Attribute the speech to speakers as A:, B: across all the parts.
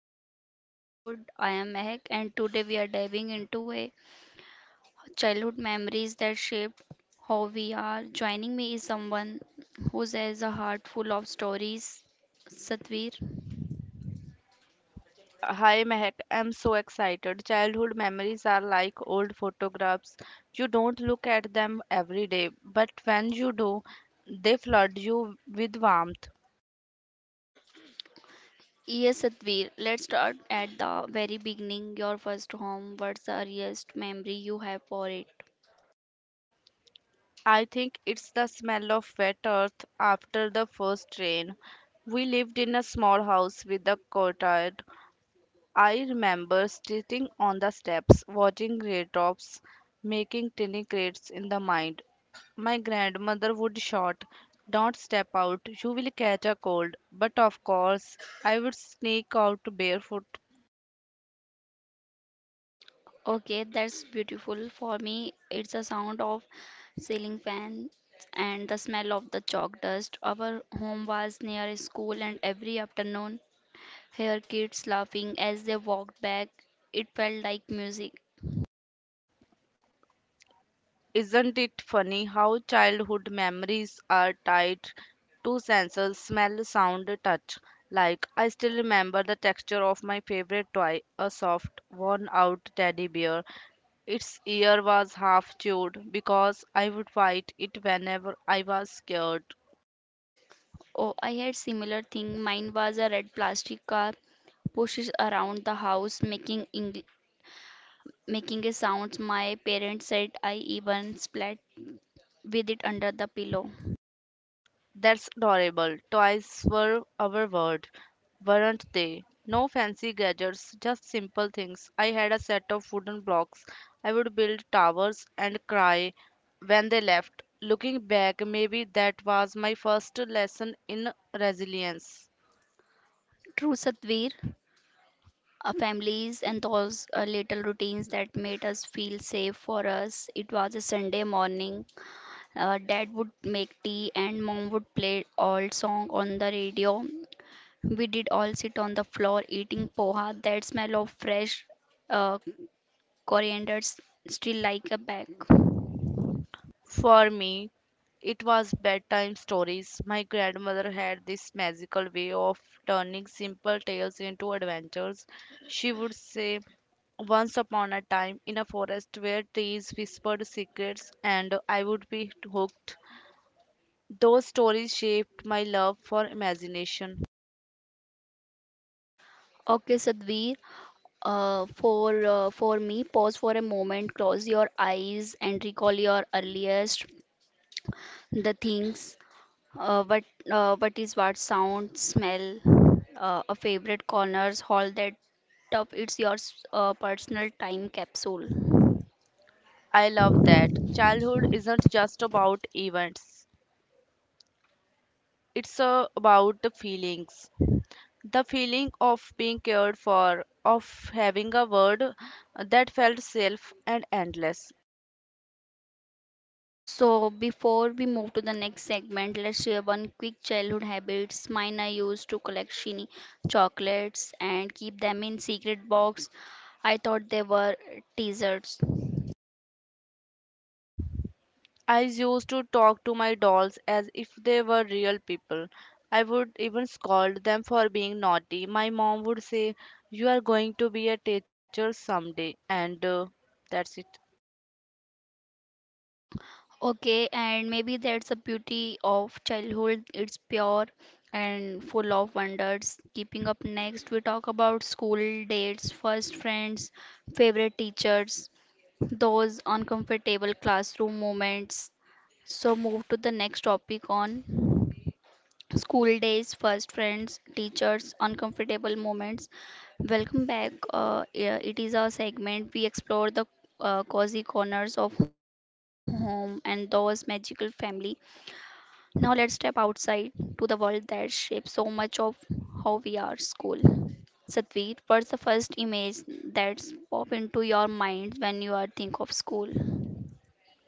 A: Chows of Childhood. I am Mehak, and today we are diving into a childhood memories that shaped how we are. Joining me is someone who has a heart full of stories, Satvir.
B: Hi Mehak, I'm so excited. Childhood memories are like old photographs. You don't look at them every day, but when you do, they flood you with warmth.
A: Yes, Satvir, let's start at the very beginning. Your first home, what's the earliest memory you have for it?
B: I think it's the smell of wet earth after the first rain. We lived in a small house with a courtyard. I remember sitting on the steps, watching raindrops making tiny crates in the mind. My grandmother would shout, "Don't step out, you will catch a cold." But of course, I would sneak out barefoot.
A: Okay, that's beautiful. For me, it's the sound of ceiling fans and the smell of the chalk dust. Our home was near a school, and every afternoon, hear kids laughing as they walked back. It felt like music.
B: Isn't it funny how childhood memories are tied to senses smell, sound, touch? Like, I still remember the texture of my favorite toy, a soft, worn out teddy bear. Its ear was half chewed because I would bite it whenever I was scared.
A: Oh, I had similar thing. Mine was a red plastic car pushes around the house, making making a sound. My parents said I even splat with it under the pillow.
B: That's adorable. Toys were our world, weren't they? No fancy gadgets, just simple things. I had a set of wooden blocks. I would build towers and cry when they left. Looking back, maybe that was my first lesson in resilience.
A: True, Satvir. Our families and those little routines that made us feel safe. For us it was a Sunday morning. Dad would make tea and mom would play old song on the radio. We did all sit on the floor eating poha. That smell of fresh uh, coriander still like a bag.
B: For me, it was bedtime stories. My grandmother had this magical way of turning simple tales into adventures. She would say, "Once upon a time, in a forest where trees whispered secrets," and I would be hooked. Those stories shaped my love for imagination.
A: Okay, Sadhvi, for me, pause for a moment, close your eyes and recall your earliest the things. Uh, but but is what sound, smell, a favorite corners, all that stuff. It's your personal time capsule.
B: I love that. Childhood isn't just about events, it's about the feelings. The feeling of being cared for, of having a word that felt safe and endless.
A: So before we move to the next segment, let's share one quick childhood habits. Mine I used to collect shiny chocolates and keep them in secret box. I thought they were teasers.
B: I used to talk to my dolls as if they were real people. I would even scold them for being naughty. My mom would say, "You are going to be a teacher someday," and that's it.
A: Okay, and maybe that's the beauty of childhood. It's pure and full of wonders. Keeping up next, we talk about school dates, first friends, favorite teachers, those uncomfortable classroom moments. So, move to the next topic on school days, first friends, teachers, uncomfortable moments. Welcome back. Yeah, it is our segment. We explore the cozy corners of home and those magical family. Now let's step outside to the world that shapes so much of how we are school. Satveer, what's the first image that's pop into your mind when you are think of school?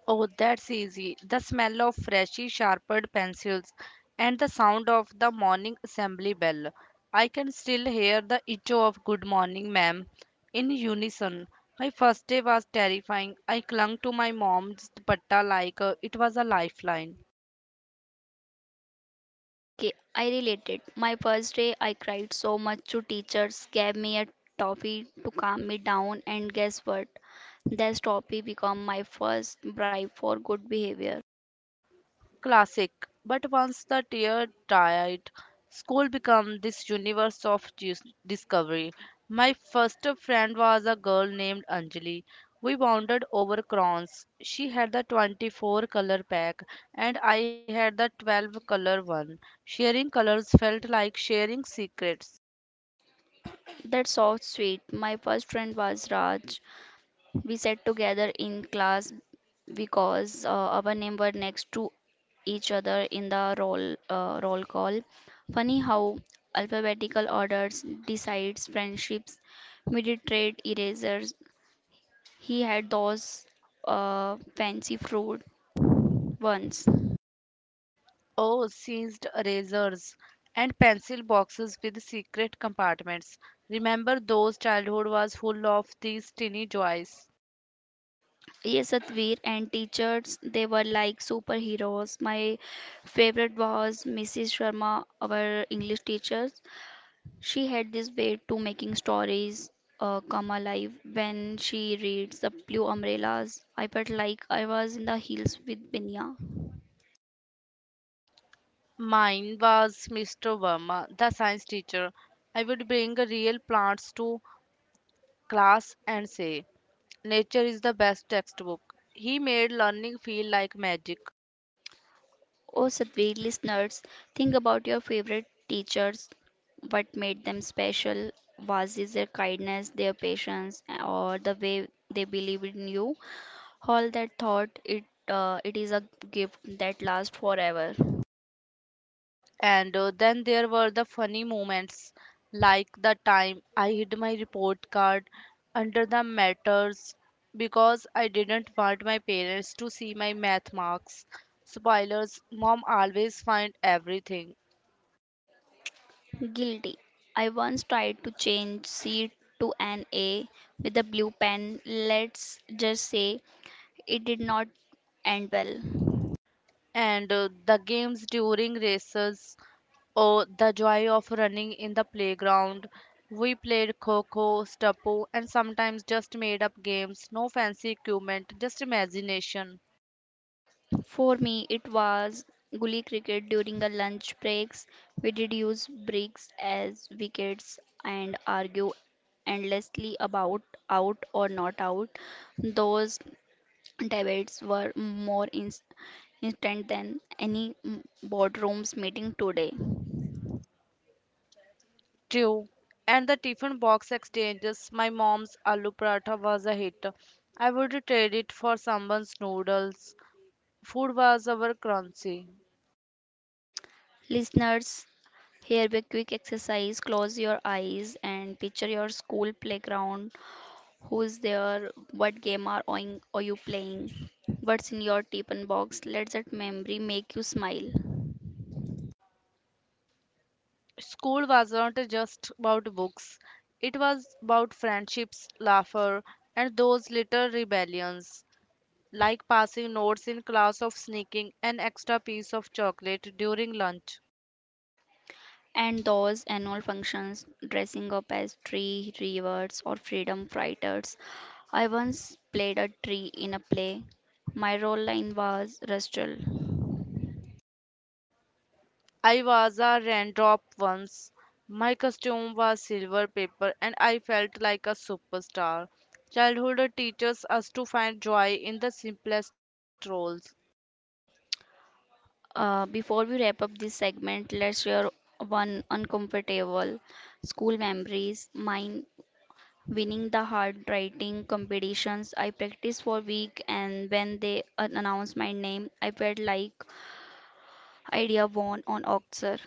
B: Oh, that's easy. The smell of freshly sharpened pencils and the sound of the morning assembly bell. I can still hear the echo of "good morning, ma'am," in unison. My first day was terrifying. I clung to my mom's dupatta like it was a lifeline.
A: Okay, I related. My first day I cried so much to teachers gave me a toffee to calm me down and guess what? That toffee became my first bribe for good behavior.
B: Classic. But once the tear died, school became this universe of discovery. My first friend was a girl named Anjali. We bonded over crayons. She had the 24 color pack and I had the 12 color one. Sharing colors felt like sharing secrets.
A: That's so sweet. My first friend was Raj. We sat together in class because our name were next to each other in the roll call. Funny how alphabetical orders decides friendships. We did trade erasers. He had those fancy fruit ones.
B: Oh, seized erasers and pencil boxes with secret compartments. Remember those childhood was full of these tiny joys.
A: Yes, Satveer, and teachers, they were like superheroes. My favorite was Mrs. Sharma, our English teacher. She had this way to making stories come alive. When she reads The Blue Umbrellas, I felt like I was in the hills with Binya.
B: Mine was Mr. Verma, the science teacher. I would bring real plants to class and say, "Nature is the best textbook." He made learning feel like magic.
A: Oh, Satvir listeners, think about your favorite teachers. What made them special? Was it their kindness, their patience, or the way they believed in you? All that thought, it is a gift that lasts forever.
B: And then there were the funny moments, like the time I hid my report card under the matters because I didn't want my parents to see my math marks. Spoilers, mom always find everything.
A: Guilty. I once tried to change C to an A with a blue pen. Let's just say it did not end well.
B: And the games during races. Oh, the joy of running in the playground. We played kho-kho, steppo, and sometimes just made up games. No fancy equipment, just imagination.
A: For me, it was gully cricket during the lunch breaks. We did use bricks as wickets and argue endlessly about out or not out. Those debates were more instant than any boardroom's meeting today.
B: True. And the tiffin box exchanges. My mom's aloo paratha was a hit. I would trade it for someone's noodles. Food was our currency.
A: Listeners, here be a quick exercise. Close your eyes and picture your school playground. Who's there? What game are you playing? What's in your tiffin box? Let that memory make you smile.
B: School was not just about books. It was about friendships, laughter, and those little rebellions, like passing notes in class of sneaking an extra piece of chocolate during lunch.
A: And those annual functions, dressing up as tree reavers or freedom fighters. I once played a tree in a play. My role line was Rustle.
B: I was a raindrop once. My costume was silver paper and I felt like a superstar. Childhood teaches us to find joy in the simplest roles.
A: Before we wrap up this segment, let's share one uncomfortable school memories. Mine winning the hard writing competitions. I practiced for week, and when they announced my name, I felt like I had won on Oxer.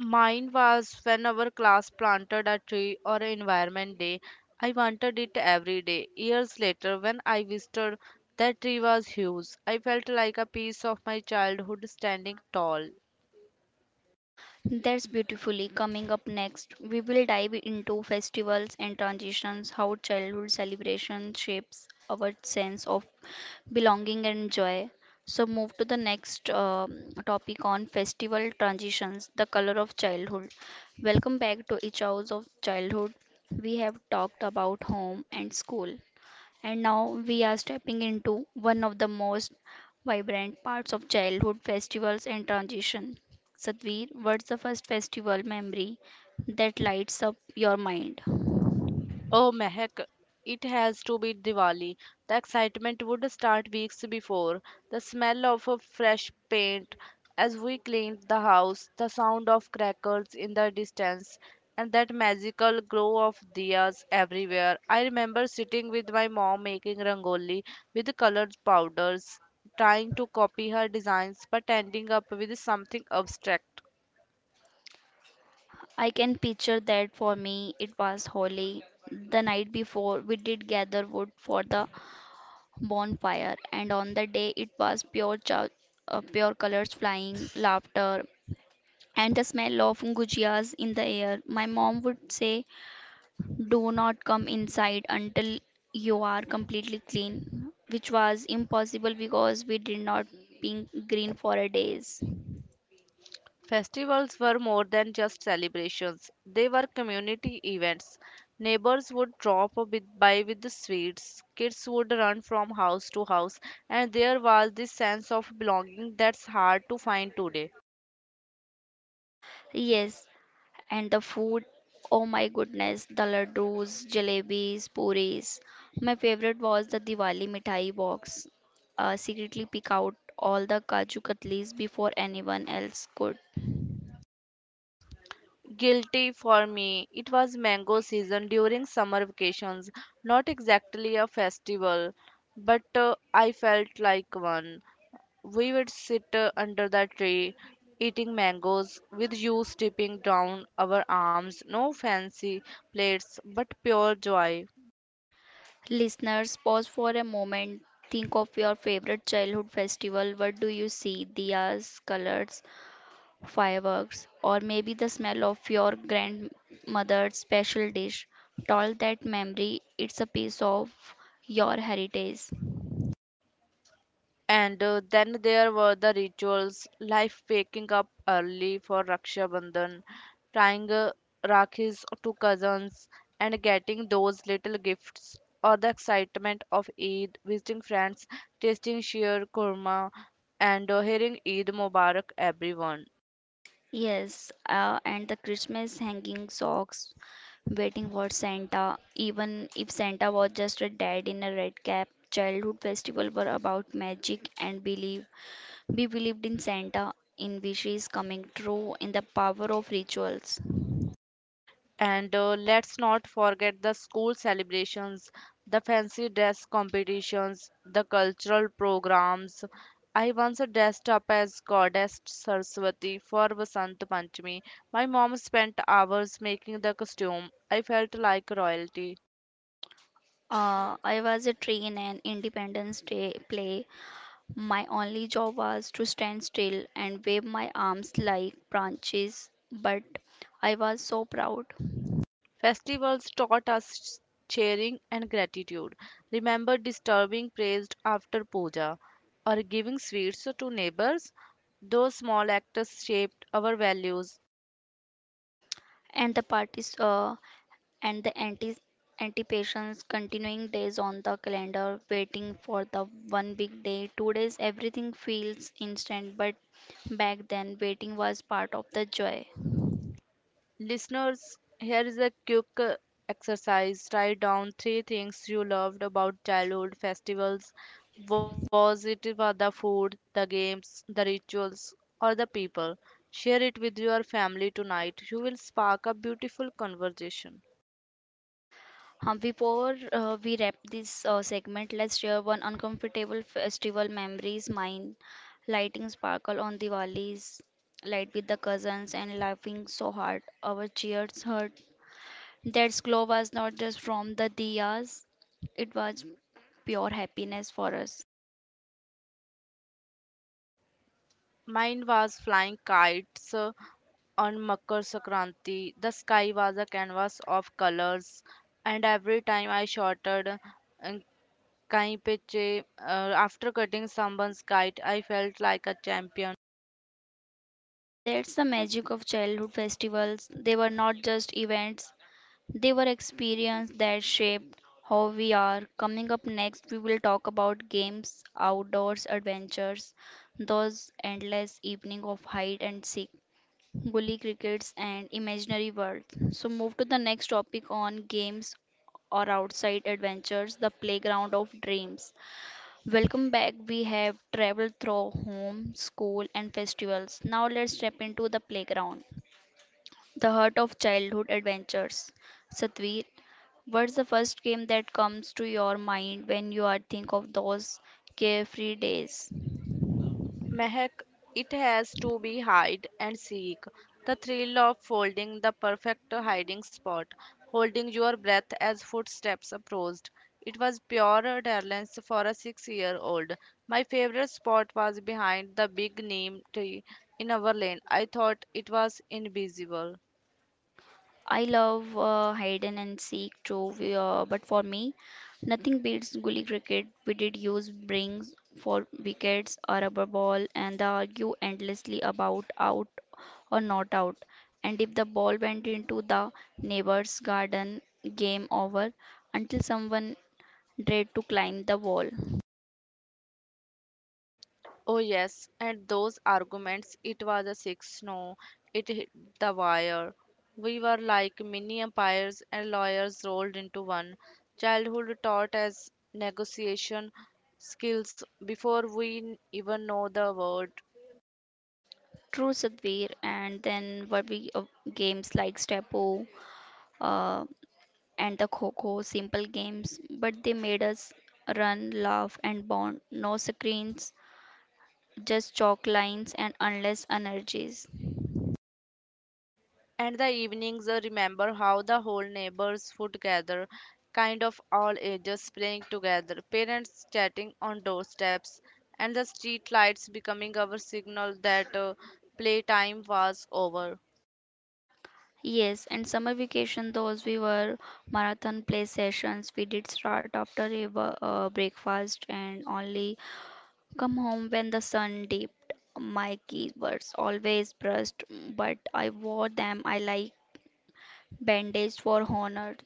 B: Mine was when our class planted a tree or an environment day. I wanted it every day. Years later, when I visited, that tree was huge. I felt like a piece of my childhood standing tall.
A: That's beautifully coming up next. We will dive into festivals and transitions, how childhood celebration shapes our sense of belonging and joy. So, move to the next topic on festival transitions, the color of childhood. Welcome back to each house of childhood. We have talked about home and school, and now we are stepping into one of the most vibrant parts of childhood festivals and transition. Satvir, what's the first festival memory that lights up your mind?
B: Oh, Mehak, it has to be Diwali. The excitement would start weeks before. The smell of a fresh paint as we cleaned the house, the sound of crackers in the distance, and that magical glow of diyas everywhere. I remember sitting with my mom making rangoli with colored powders, trying to copy her designs but ending up with something abstract.
A: I can picture that for me it was Holi. The night before we did gather wood for the bonfire and on the day it was pure colors flying, laughter and the smell of gujiyas in the air. My mom would say, do not come inside until you are completely clean, which was impossible because we did not being green for a days.
B: Festivals were more than just celebrations, they were community events. Neighbors would drop a bit by with the sweets, kids would run from house to house, and there was this sense of belonging that's hard to find today.
A: Yes, and the food, oh my goodness, the laddus, jalebis, puris. My favorite was the Diwali mithai box. Secretly pick out all the kaju katlis before anyone else could.
B: Guilty for me. It was mango season during summer vacations. Not exactly a festival, but I felt like one. We would sit under the tree eating mangoes with juice dripping down our arms. No fancy plates, but pure joy.
A: Listeners, pause for a moment. Think of your favorite childhood festival. What do you see? Diyas, colors, fireworks, or maybe the smell of your grandmother's special dish. All that memory, it's a piece of your heritage.
B: And then there were the rituals, like waking up early for Raksha Bandhan, tying rakhis to cousins, and getting those little gifts, or the excitement of Eid, visiting friends, tasting sheer kurma, and hearing "Eid Mubarak" everyone.
A: Yes, and the Christmas hanging socks, waiting for Santa, even if Santa was just a dad in a red cap. Childhood festivals were about magic and belief. We believed in Santa, in wishes coming true, in the power of rituals.
B: And let's not forget the school celebrations, the fancy dress competitions, the cultural programs. I once dressed up as goddess Saraswati for Vasant Panchami. My mom spent hours making the costume. I felt like royalty.
A: I was a train and Independence Day play. My only job was to stand still and wave my arms like branches, but I was so proud.
B: Festivals taught us sharing and gratitude. Remember disturbing praised after puja or giving sweets to neighbors? Those small acts shaped our values.
A: And the parties and the anti anticipations continuing days on the calendar waiting for the one big day 2 days everything feels instant but back then waiting was part of the joy.
B: Listeners, here is a quick exercise. Write down three things you loved about childhood festivals. Was it about the food, the games, the rituals, or the people? Share it with your family tonight. You will spark a beautiful conversation.
A: Before we wrap this segment, let's share one uncomfortable festival memories. Mine, lighting sparkle on the valleys, light with the cousins, and laughing so hard our cheers hurt. That glow was not just from the diyas; it was pure happiness for us.
B: Mine was flying kites, on Makar Sankranti. The sky was a canvas of colors, and every time I shouted uh, "Kaipeche," after cutting someone's kite, I felt like a champion.
A: That's the magic of childhood festivals. They were not just events. They were experiences that shaped how we are. Coming up next, we will talk about games, outdoors adventures, those endless evening of hide and seek, gully crickets, and imaginary worlds. So move to the next topic on games or outside adventures, the playground of dreams. Welcome back. We have traveled through home, school, and festivals. Now let's step into the playground. The heart of childhood adventures. Satvir, what's the first game that comes to your mind when you are think of those carefree days?
B: Mehak, it has to be hide and seek. The thrill of folding the perfect hiding spot, holding your breath as footsteps approached. It was pure dalliance for a 6-year old. My favorite spot was behind the big neem tree in our lane. I thought it was invisible.
A: I love hide and seek too, but for me, nothing beats gully cricket. We did use brings for wickets, a rubber ball, and they argue endlessly about out or not out. And if the ball went into the neighbor's garden, game over until someone dread to climb the wall.
B: Oh yes, and those arguments, it was a six, no, it hit the wire. We were like mini empires and lawyers rolled into one. Childhood taught as negotiation skills before we even know the word.
A: True Sadhvir, and then what we games like Stapo uh, and the Coco, simple games, but they made us run, laugh, and bond. No screens, just chalk lines and endless energies.
B: And the evenings, remember how the whole neighbors would gather, kind of all ages playing together, parents chatting on doorsteps, and the street lights becoming our signal that playtime was over.
A: Yes, and summer vacation, those we were marathon play sessions. We did start after a breakfast and only come home when the sun dipped. My keys were always brushed, but I wore them. I like bandaged for honor.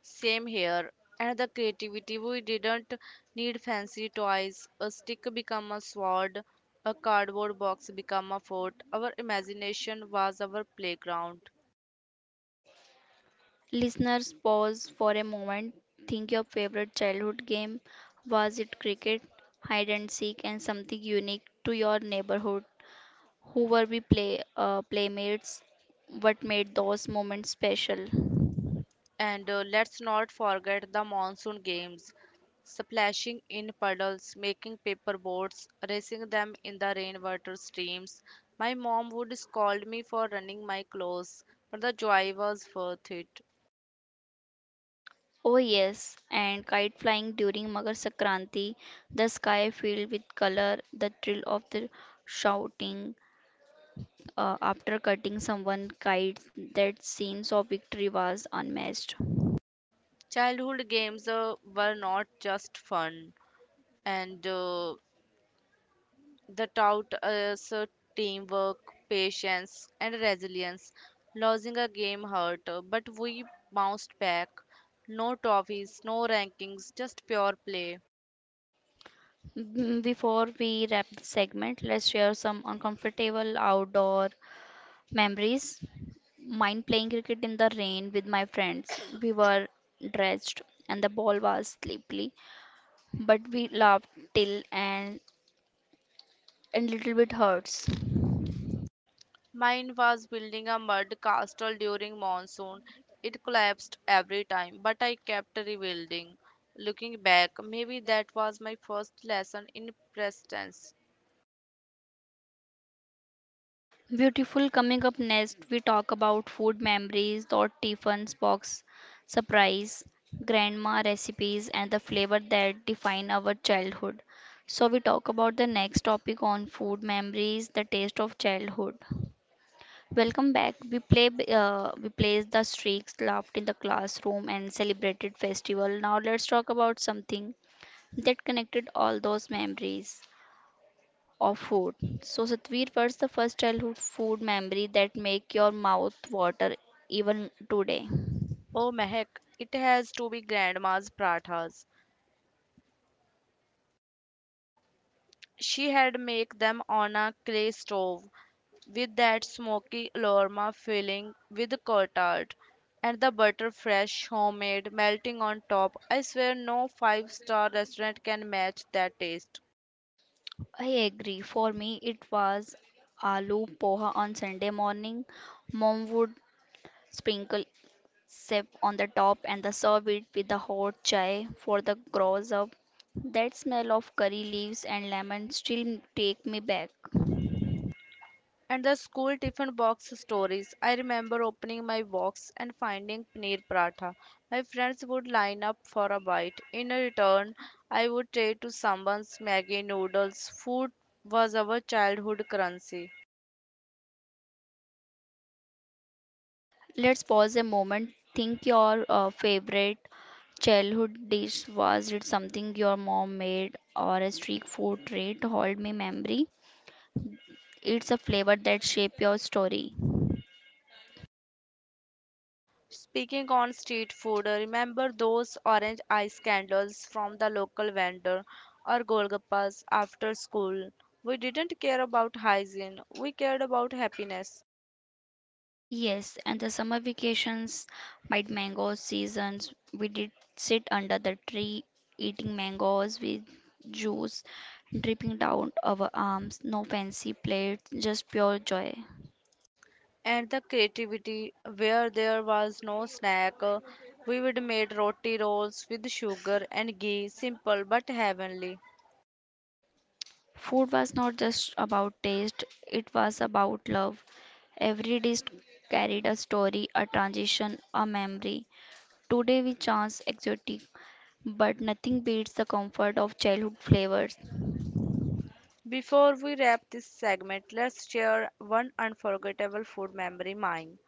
B: Same here. And the creativity, we didn't need fancy toys. A stick become a sword, a cardboard box become a fort. Our imagination was our playground.
A: Listeners, pause for a moment. Think your favorite childhood game. Was it cricket, hide and seek, and something unique to your neighborhood? Who were we playmates? What made those moments special?
B: And let's not forget the monsoon games, splashing in puddles, making paper boats, racing them in the rainwater streams. My mom would scold me for running my clothes, but the joy was worth it.
A: Oh yes, and kite flying during Makar Sankranti, the sky filled with color, the thrill of the shouting after cutting someone kite, that sense of victory was unmatched.
B: Childhood games were not just fun, and the taught us teamwork, patience, and resilience. Losing a game hurt, but we bounced back. No trophies, no rankings, just pure play.
A: Before we wrap the segment, let's share some uncomfortable outdoor memories. Mine playing cricket in the rain with my friends. We were drenched and the ball was slippery, but we laughed till and a little bit hurts.
B: Mine was building a mud castle during monsoon. It collapsed every time, but I kept rebuilding. Looking back, maybe that was my first lesson in persistence.
A: Beautiful coming up next, we talk about food memories, thought tiffins, box surprise, grandma recipes, and the flavor that define our childhood. So we talk about the next topic on food memories, the taste of childhood. Welcome back. We plays the streaks, laughed in the classroom, and celebrated festival. Now let's talk about something that connected all those memories of food. So Satveer, what's the first childhood food memory that make your mouth water even today?
B: Oh, Mehak, it has to be grandma's prathas. She had make them on a clay stove, with that smoky aroma filling with cotard, and the butter fresh, homemade, melting on top. I swear no five-star restaurant can match that taste.
A: I agree. For me, it was aloo poha on Sunday morning. Mom would sprinkle sep on the top and the serve it with the hot chai for the gross up. That smell of curry leaves and lemon still take me back.
B: And the school tiffin box stories. I remember opening my box and finding paneer paratha. My friends would line up for a bite. In return, I would trade to someone's maggi noodles. Food was our childhood currency.
A: Let's pause a moment. Think your favorite childhood dish was it something your mom made or a street food treat? Hold me memory. It's a flavor that shape your story.
B: Speaking on street food, remember those orange ice candles from the local vendor or Golgappas after school? We didn't care about hygiene, we cared about happiness.
A: Yes, and the summer vacations, my mango seasons, we did sit under the tree eating mangoes with juice dripping down our arms. No fancy plates, just pure joy.
B: And the creativity, where there was no snack, we would make roti rolls with sugar and ghee, simple but heavenly.
A: Food was not just about taste, it was about love. Every dish carried a story, a transition, a memory. Today we chance exotic, but nothing beats the comfort of childhood flavors.
B: Before we wrap this segment, let's share one unforgettable food memory, mine: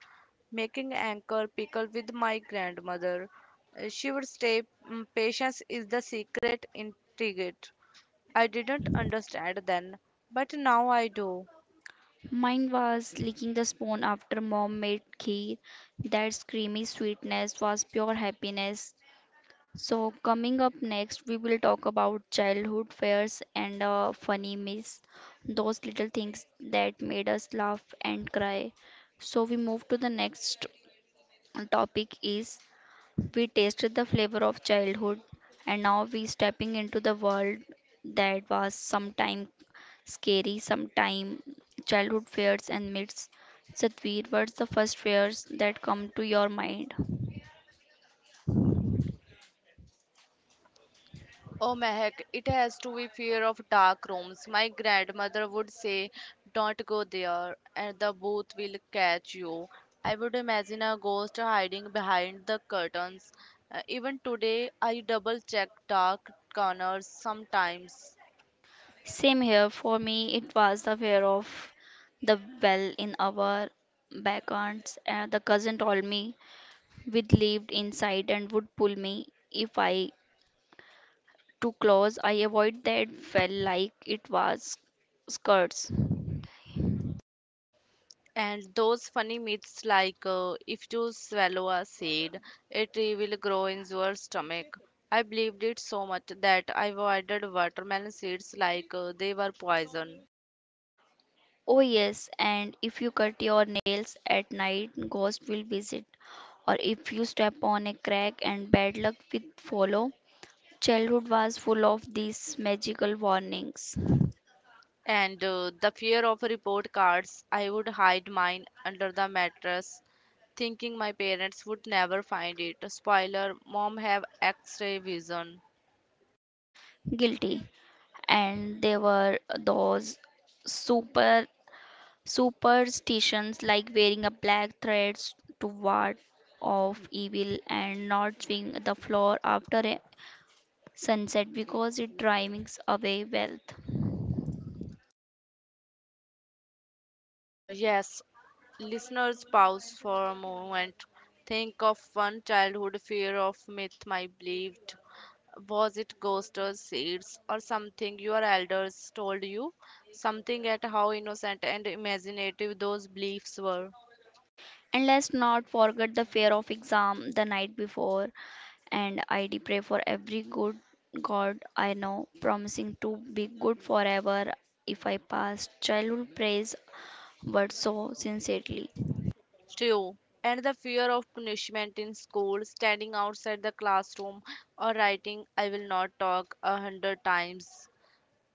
B: making anchor pickle with my grandmother. She would say, "Mm, patience is the secret ingredient." I didn't understand then, but now I do.
A: Mine was licking the spoon after mom made kheer. That creamy sweetness was pure happiness. So, coming up next, we will talk about childhood fairs and funny myths, those little things that made us laugh and cry. So, we move to the next topic is we tasted the flavor of childhood and now we stepping into the world that was sometime scary, sometime childhood fears and myths. Satvir, what's the first fears that come to your mind?
B: Oh, Mehak, it has to be fear of dark rooms. My grandmother would say, "Don't go there, and the booth will catch you." I would imagine a ghost hiding behind the curtains. Even today, I double check dark corners sometimes.
A: Same here, for me, it was the fear of the well in our backyards. The cousin told me we lived inside and would pull me if I too close. I avoid that well like it was skirts.
B: And those funny myths like, if you swallow a seed, it will grow in your stomach. I believed it so much that I avoided watermelon seeds like they were poison.
A: Oh yes, and if you cut your nails at night, ghost will visit. Or if you step on a crack and bad luck will follow. Childhood was full of these magical warnings.
B: And the fear of report cards, I would hide mine under the mattress, thinking my parents would never find it. Spoiler, mom have X-ray vision.
A: Guilty. And there were those super superstitions like wearing a black thread to ward off evil and not swing the floor after a sunset because it drives away wealth.
B: Uh, yes, Listeners, pause for a moment. Think of one childhood fear of myth I believed. Was it ghosts or seeds or something your elders told you? Something at how innocent and imaginative those beliefs were.
A: And let's not forget the fear of exam the night before, and I do pray for every good god I know, promising to be good forever if I pass childhood praise words so sincerely.
B: Two. And the fear of punishment in school, standing outside the classroom or writing, "I will not talk" 100 times.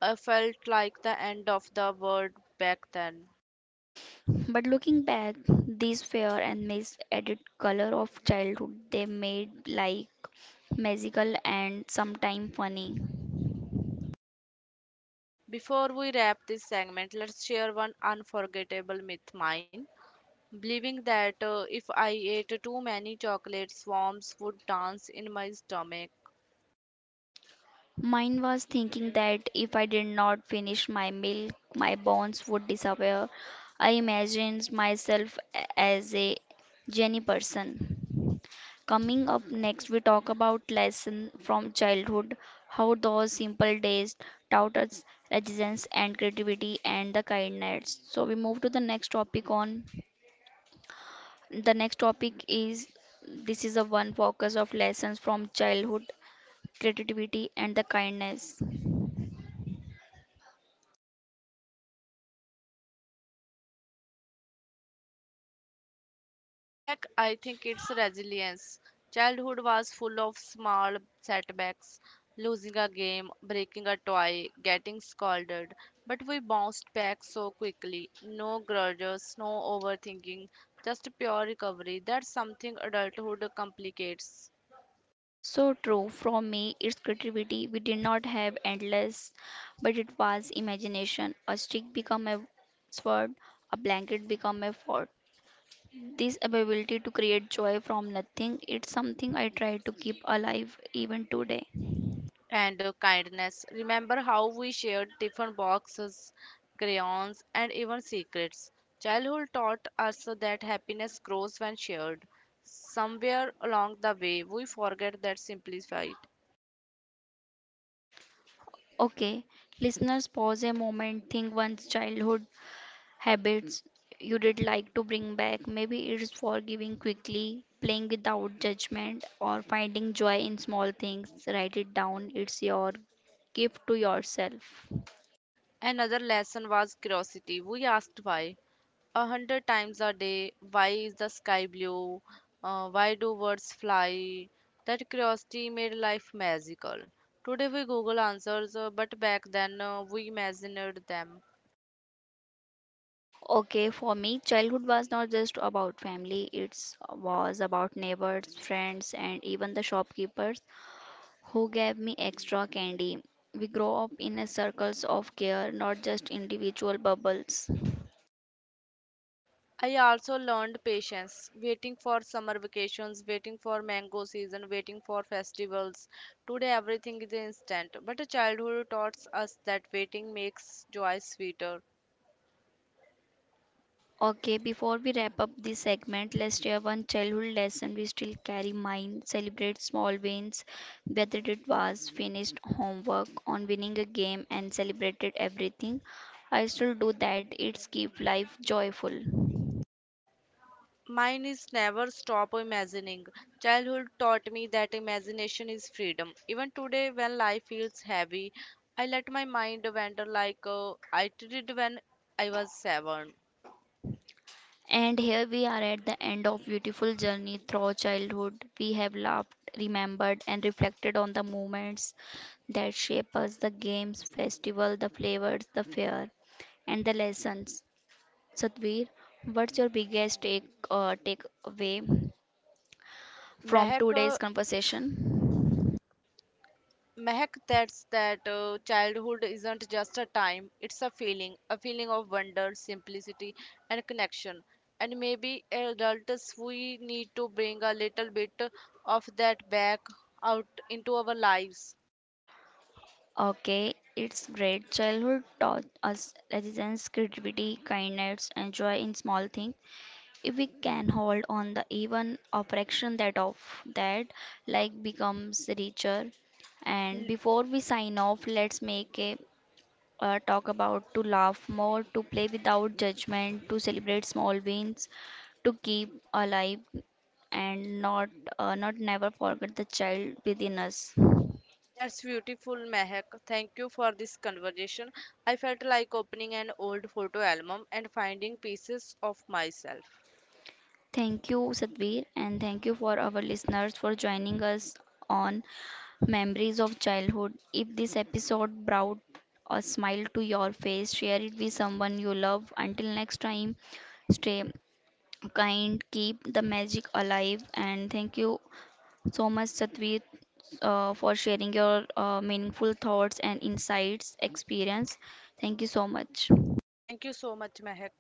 B: I felt like the end of the world back then.
A: But looking back, these fair and mis added color of childhood, they made like magical and sometimes funny.
B: Before we wrap this segment, let's share one unforgettable myth, mine: believing that if I ate too many chocolates, worms would dance in my stomach.
A: Mine was thinking that if I did not finish my milk, my bones would disappear. I imagined myself as a Jenny person. Coming up next, we talk about lessons from childhood, how those simple days taught us resilience and creativity and the kindness. So we move to the next topic on. The next topic is this is a one focus of lessons from childhood, creativity and the kindness.
B: Mehak, I think it's resilience. Childhood was full of small setbacks, losing a game, breaking a toy, getting scolded. But we bounced back so quickly. No grudges, no overthinking, just pure recovery. That's something adulthood complicates.
A: So true. From me, it's creativity. We did not have endless, but it was imagination. A stick become a sword, a blanket become a fort. This ability to create joy from nothing, it's something I try to keep alive even today.
B: And kindness. Remember how we shared different boxes, crayons, and even secrets. Childhood taught us that happiness grows when shared. Somewhere along the way, we forget that simplified.
A: Okay, listeners, pause a moment. Think one's childhood habits you did like to bring back. Maybe it's forgiving quickly, playing without judgment, or finding joy in small things. Write it down. It's your gift to yourself.
B: Another lesson was curiosity. We asked why 100 times a day. Why is the sky blue? Why do birds fly? That curiosity made life magical. Today we Google answers, but back then we imagined them.
A: Okay, for me, childhood was not just about family, it was about neighbors, friends, and even the shopkeepers who gave me extra candy. We grow up in a circles of care, not just individual bubbles.
B: I also learned patience, waiting for summer vacations, waiting for mango season, waiting for festivals. Today everything is instant, but childhood taught us that waiting makes joy sweeter.
A: Okay, before we wrap up this segment, let's share one childhood lesson we still carry mind. Celebrate small wins, whether it was finished homework on winning a game and celebrated everything. I still do that. It's keep life joyful.
B: Mine is never stop imagining. Childhood taught me that imagination is freedom. Even today, when life feels heavy, I let my mind wander like I did when I was seven.
A: And here we are at the end of beautiful journey through childhood. We have laughed, remembered, and reflected on the moments that shape us, the games, festival, the flavors, the fear, and the lessons. Satvir, what's your biggest takeaway from
B: Mehak,
A: today's
B: uh,
A: conversation?
B: Mehak, that's that childhood isn't just a time, it's a feeling of wonder, simplicity, and connection. And maybe as adults, we need to bring a little bit of that back out into our lives.
A: Okay, it's great. Childhood taught us resilience, creativity, kindness, and joy in small things. If we can hold on the even a fraction that of that, life becomes richer. And before we sign off, let's make a talk about to laugh more, to play without judgment, to celebrate small wins, to keep alive and not never forget the child within us.
B: That's beautiful, Mehak. Thank you for this conversation. I felt like opening an old photo album and finding pieces of myself.
A: Thank you, Sadhvir, and thank you for our listeners for joining us on Memories of Childhood. If this episode brought a smile to your face, share it with someone you love. Until next time, stay kind, keep the magic alive, and thank you so much, Satvir, for sharing your meaningful thoughts and insights experience. Thank you so much.
B: Thank you so much, Mehak.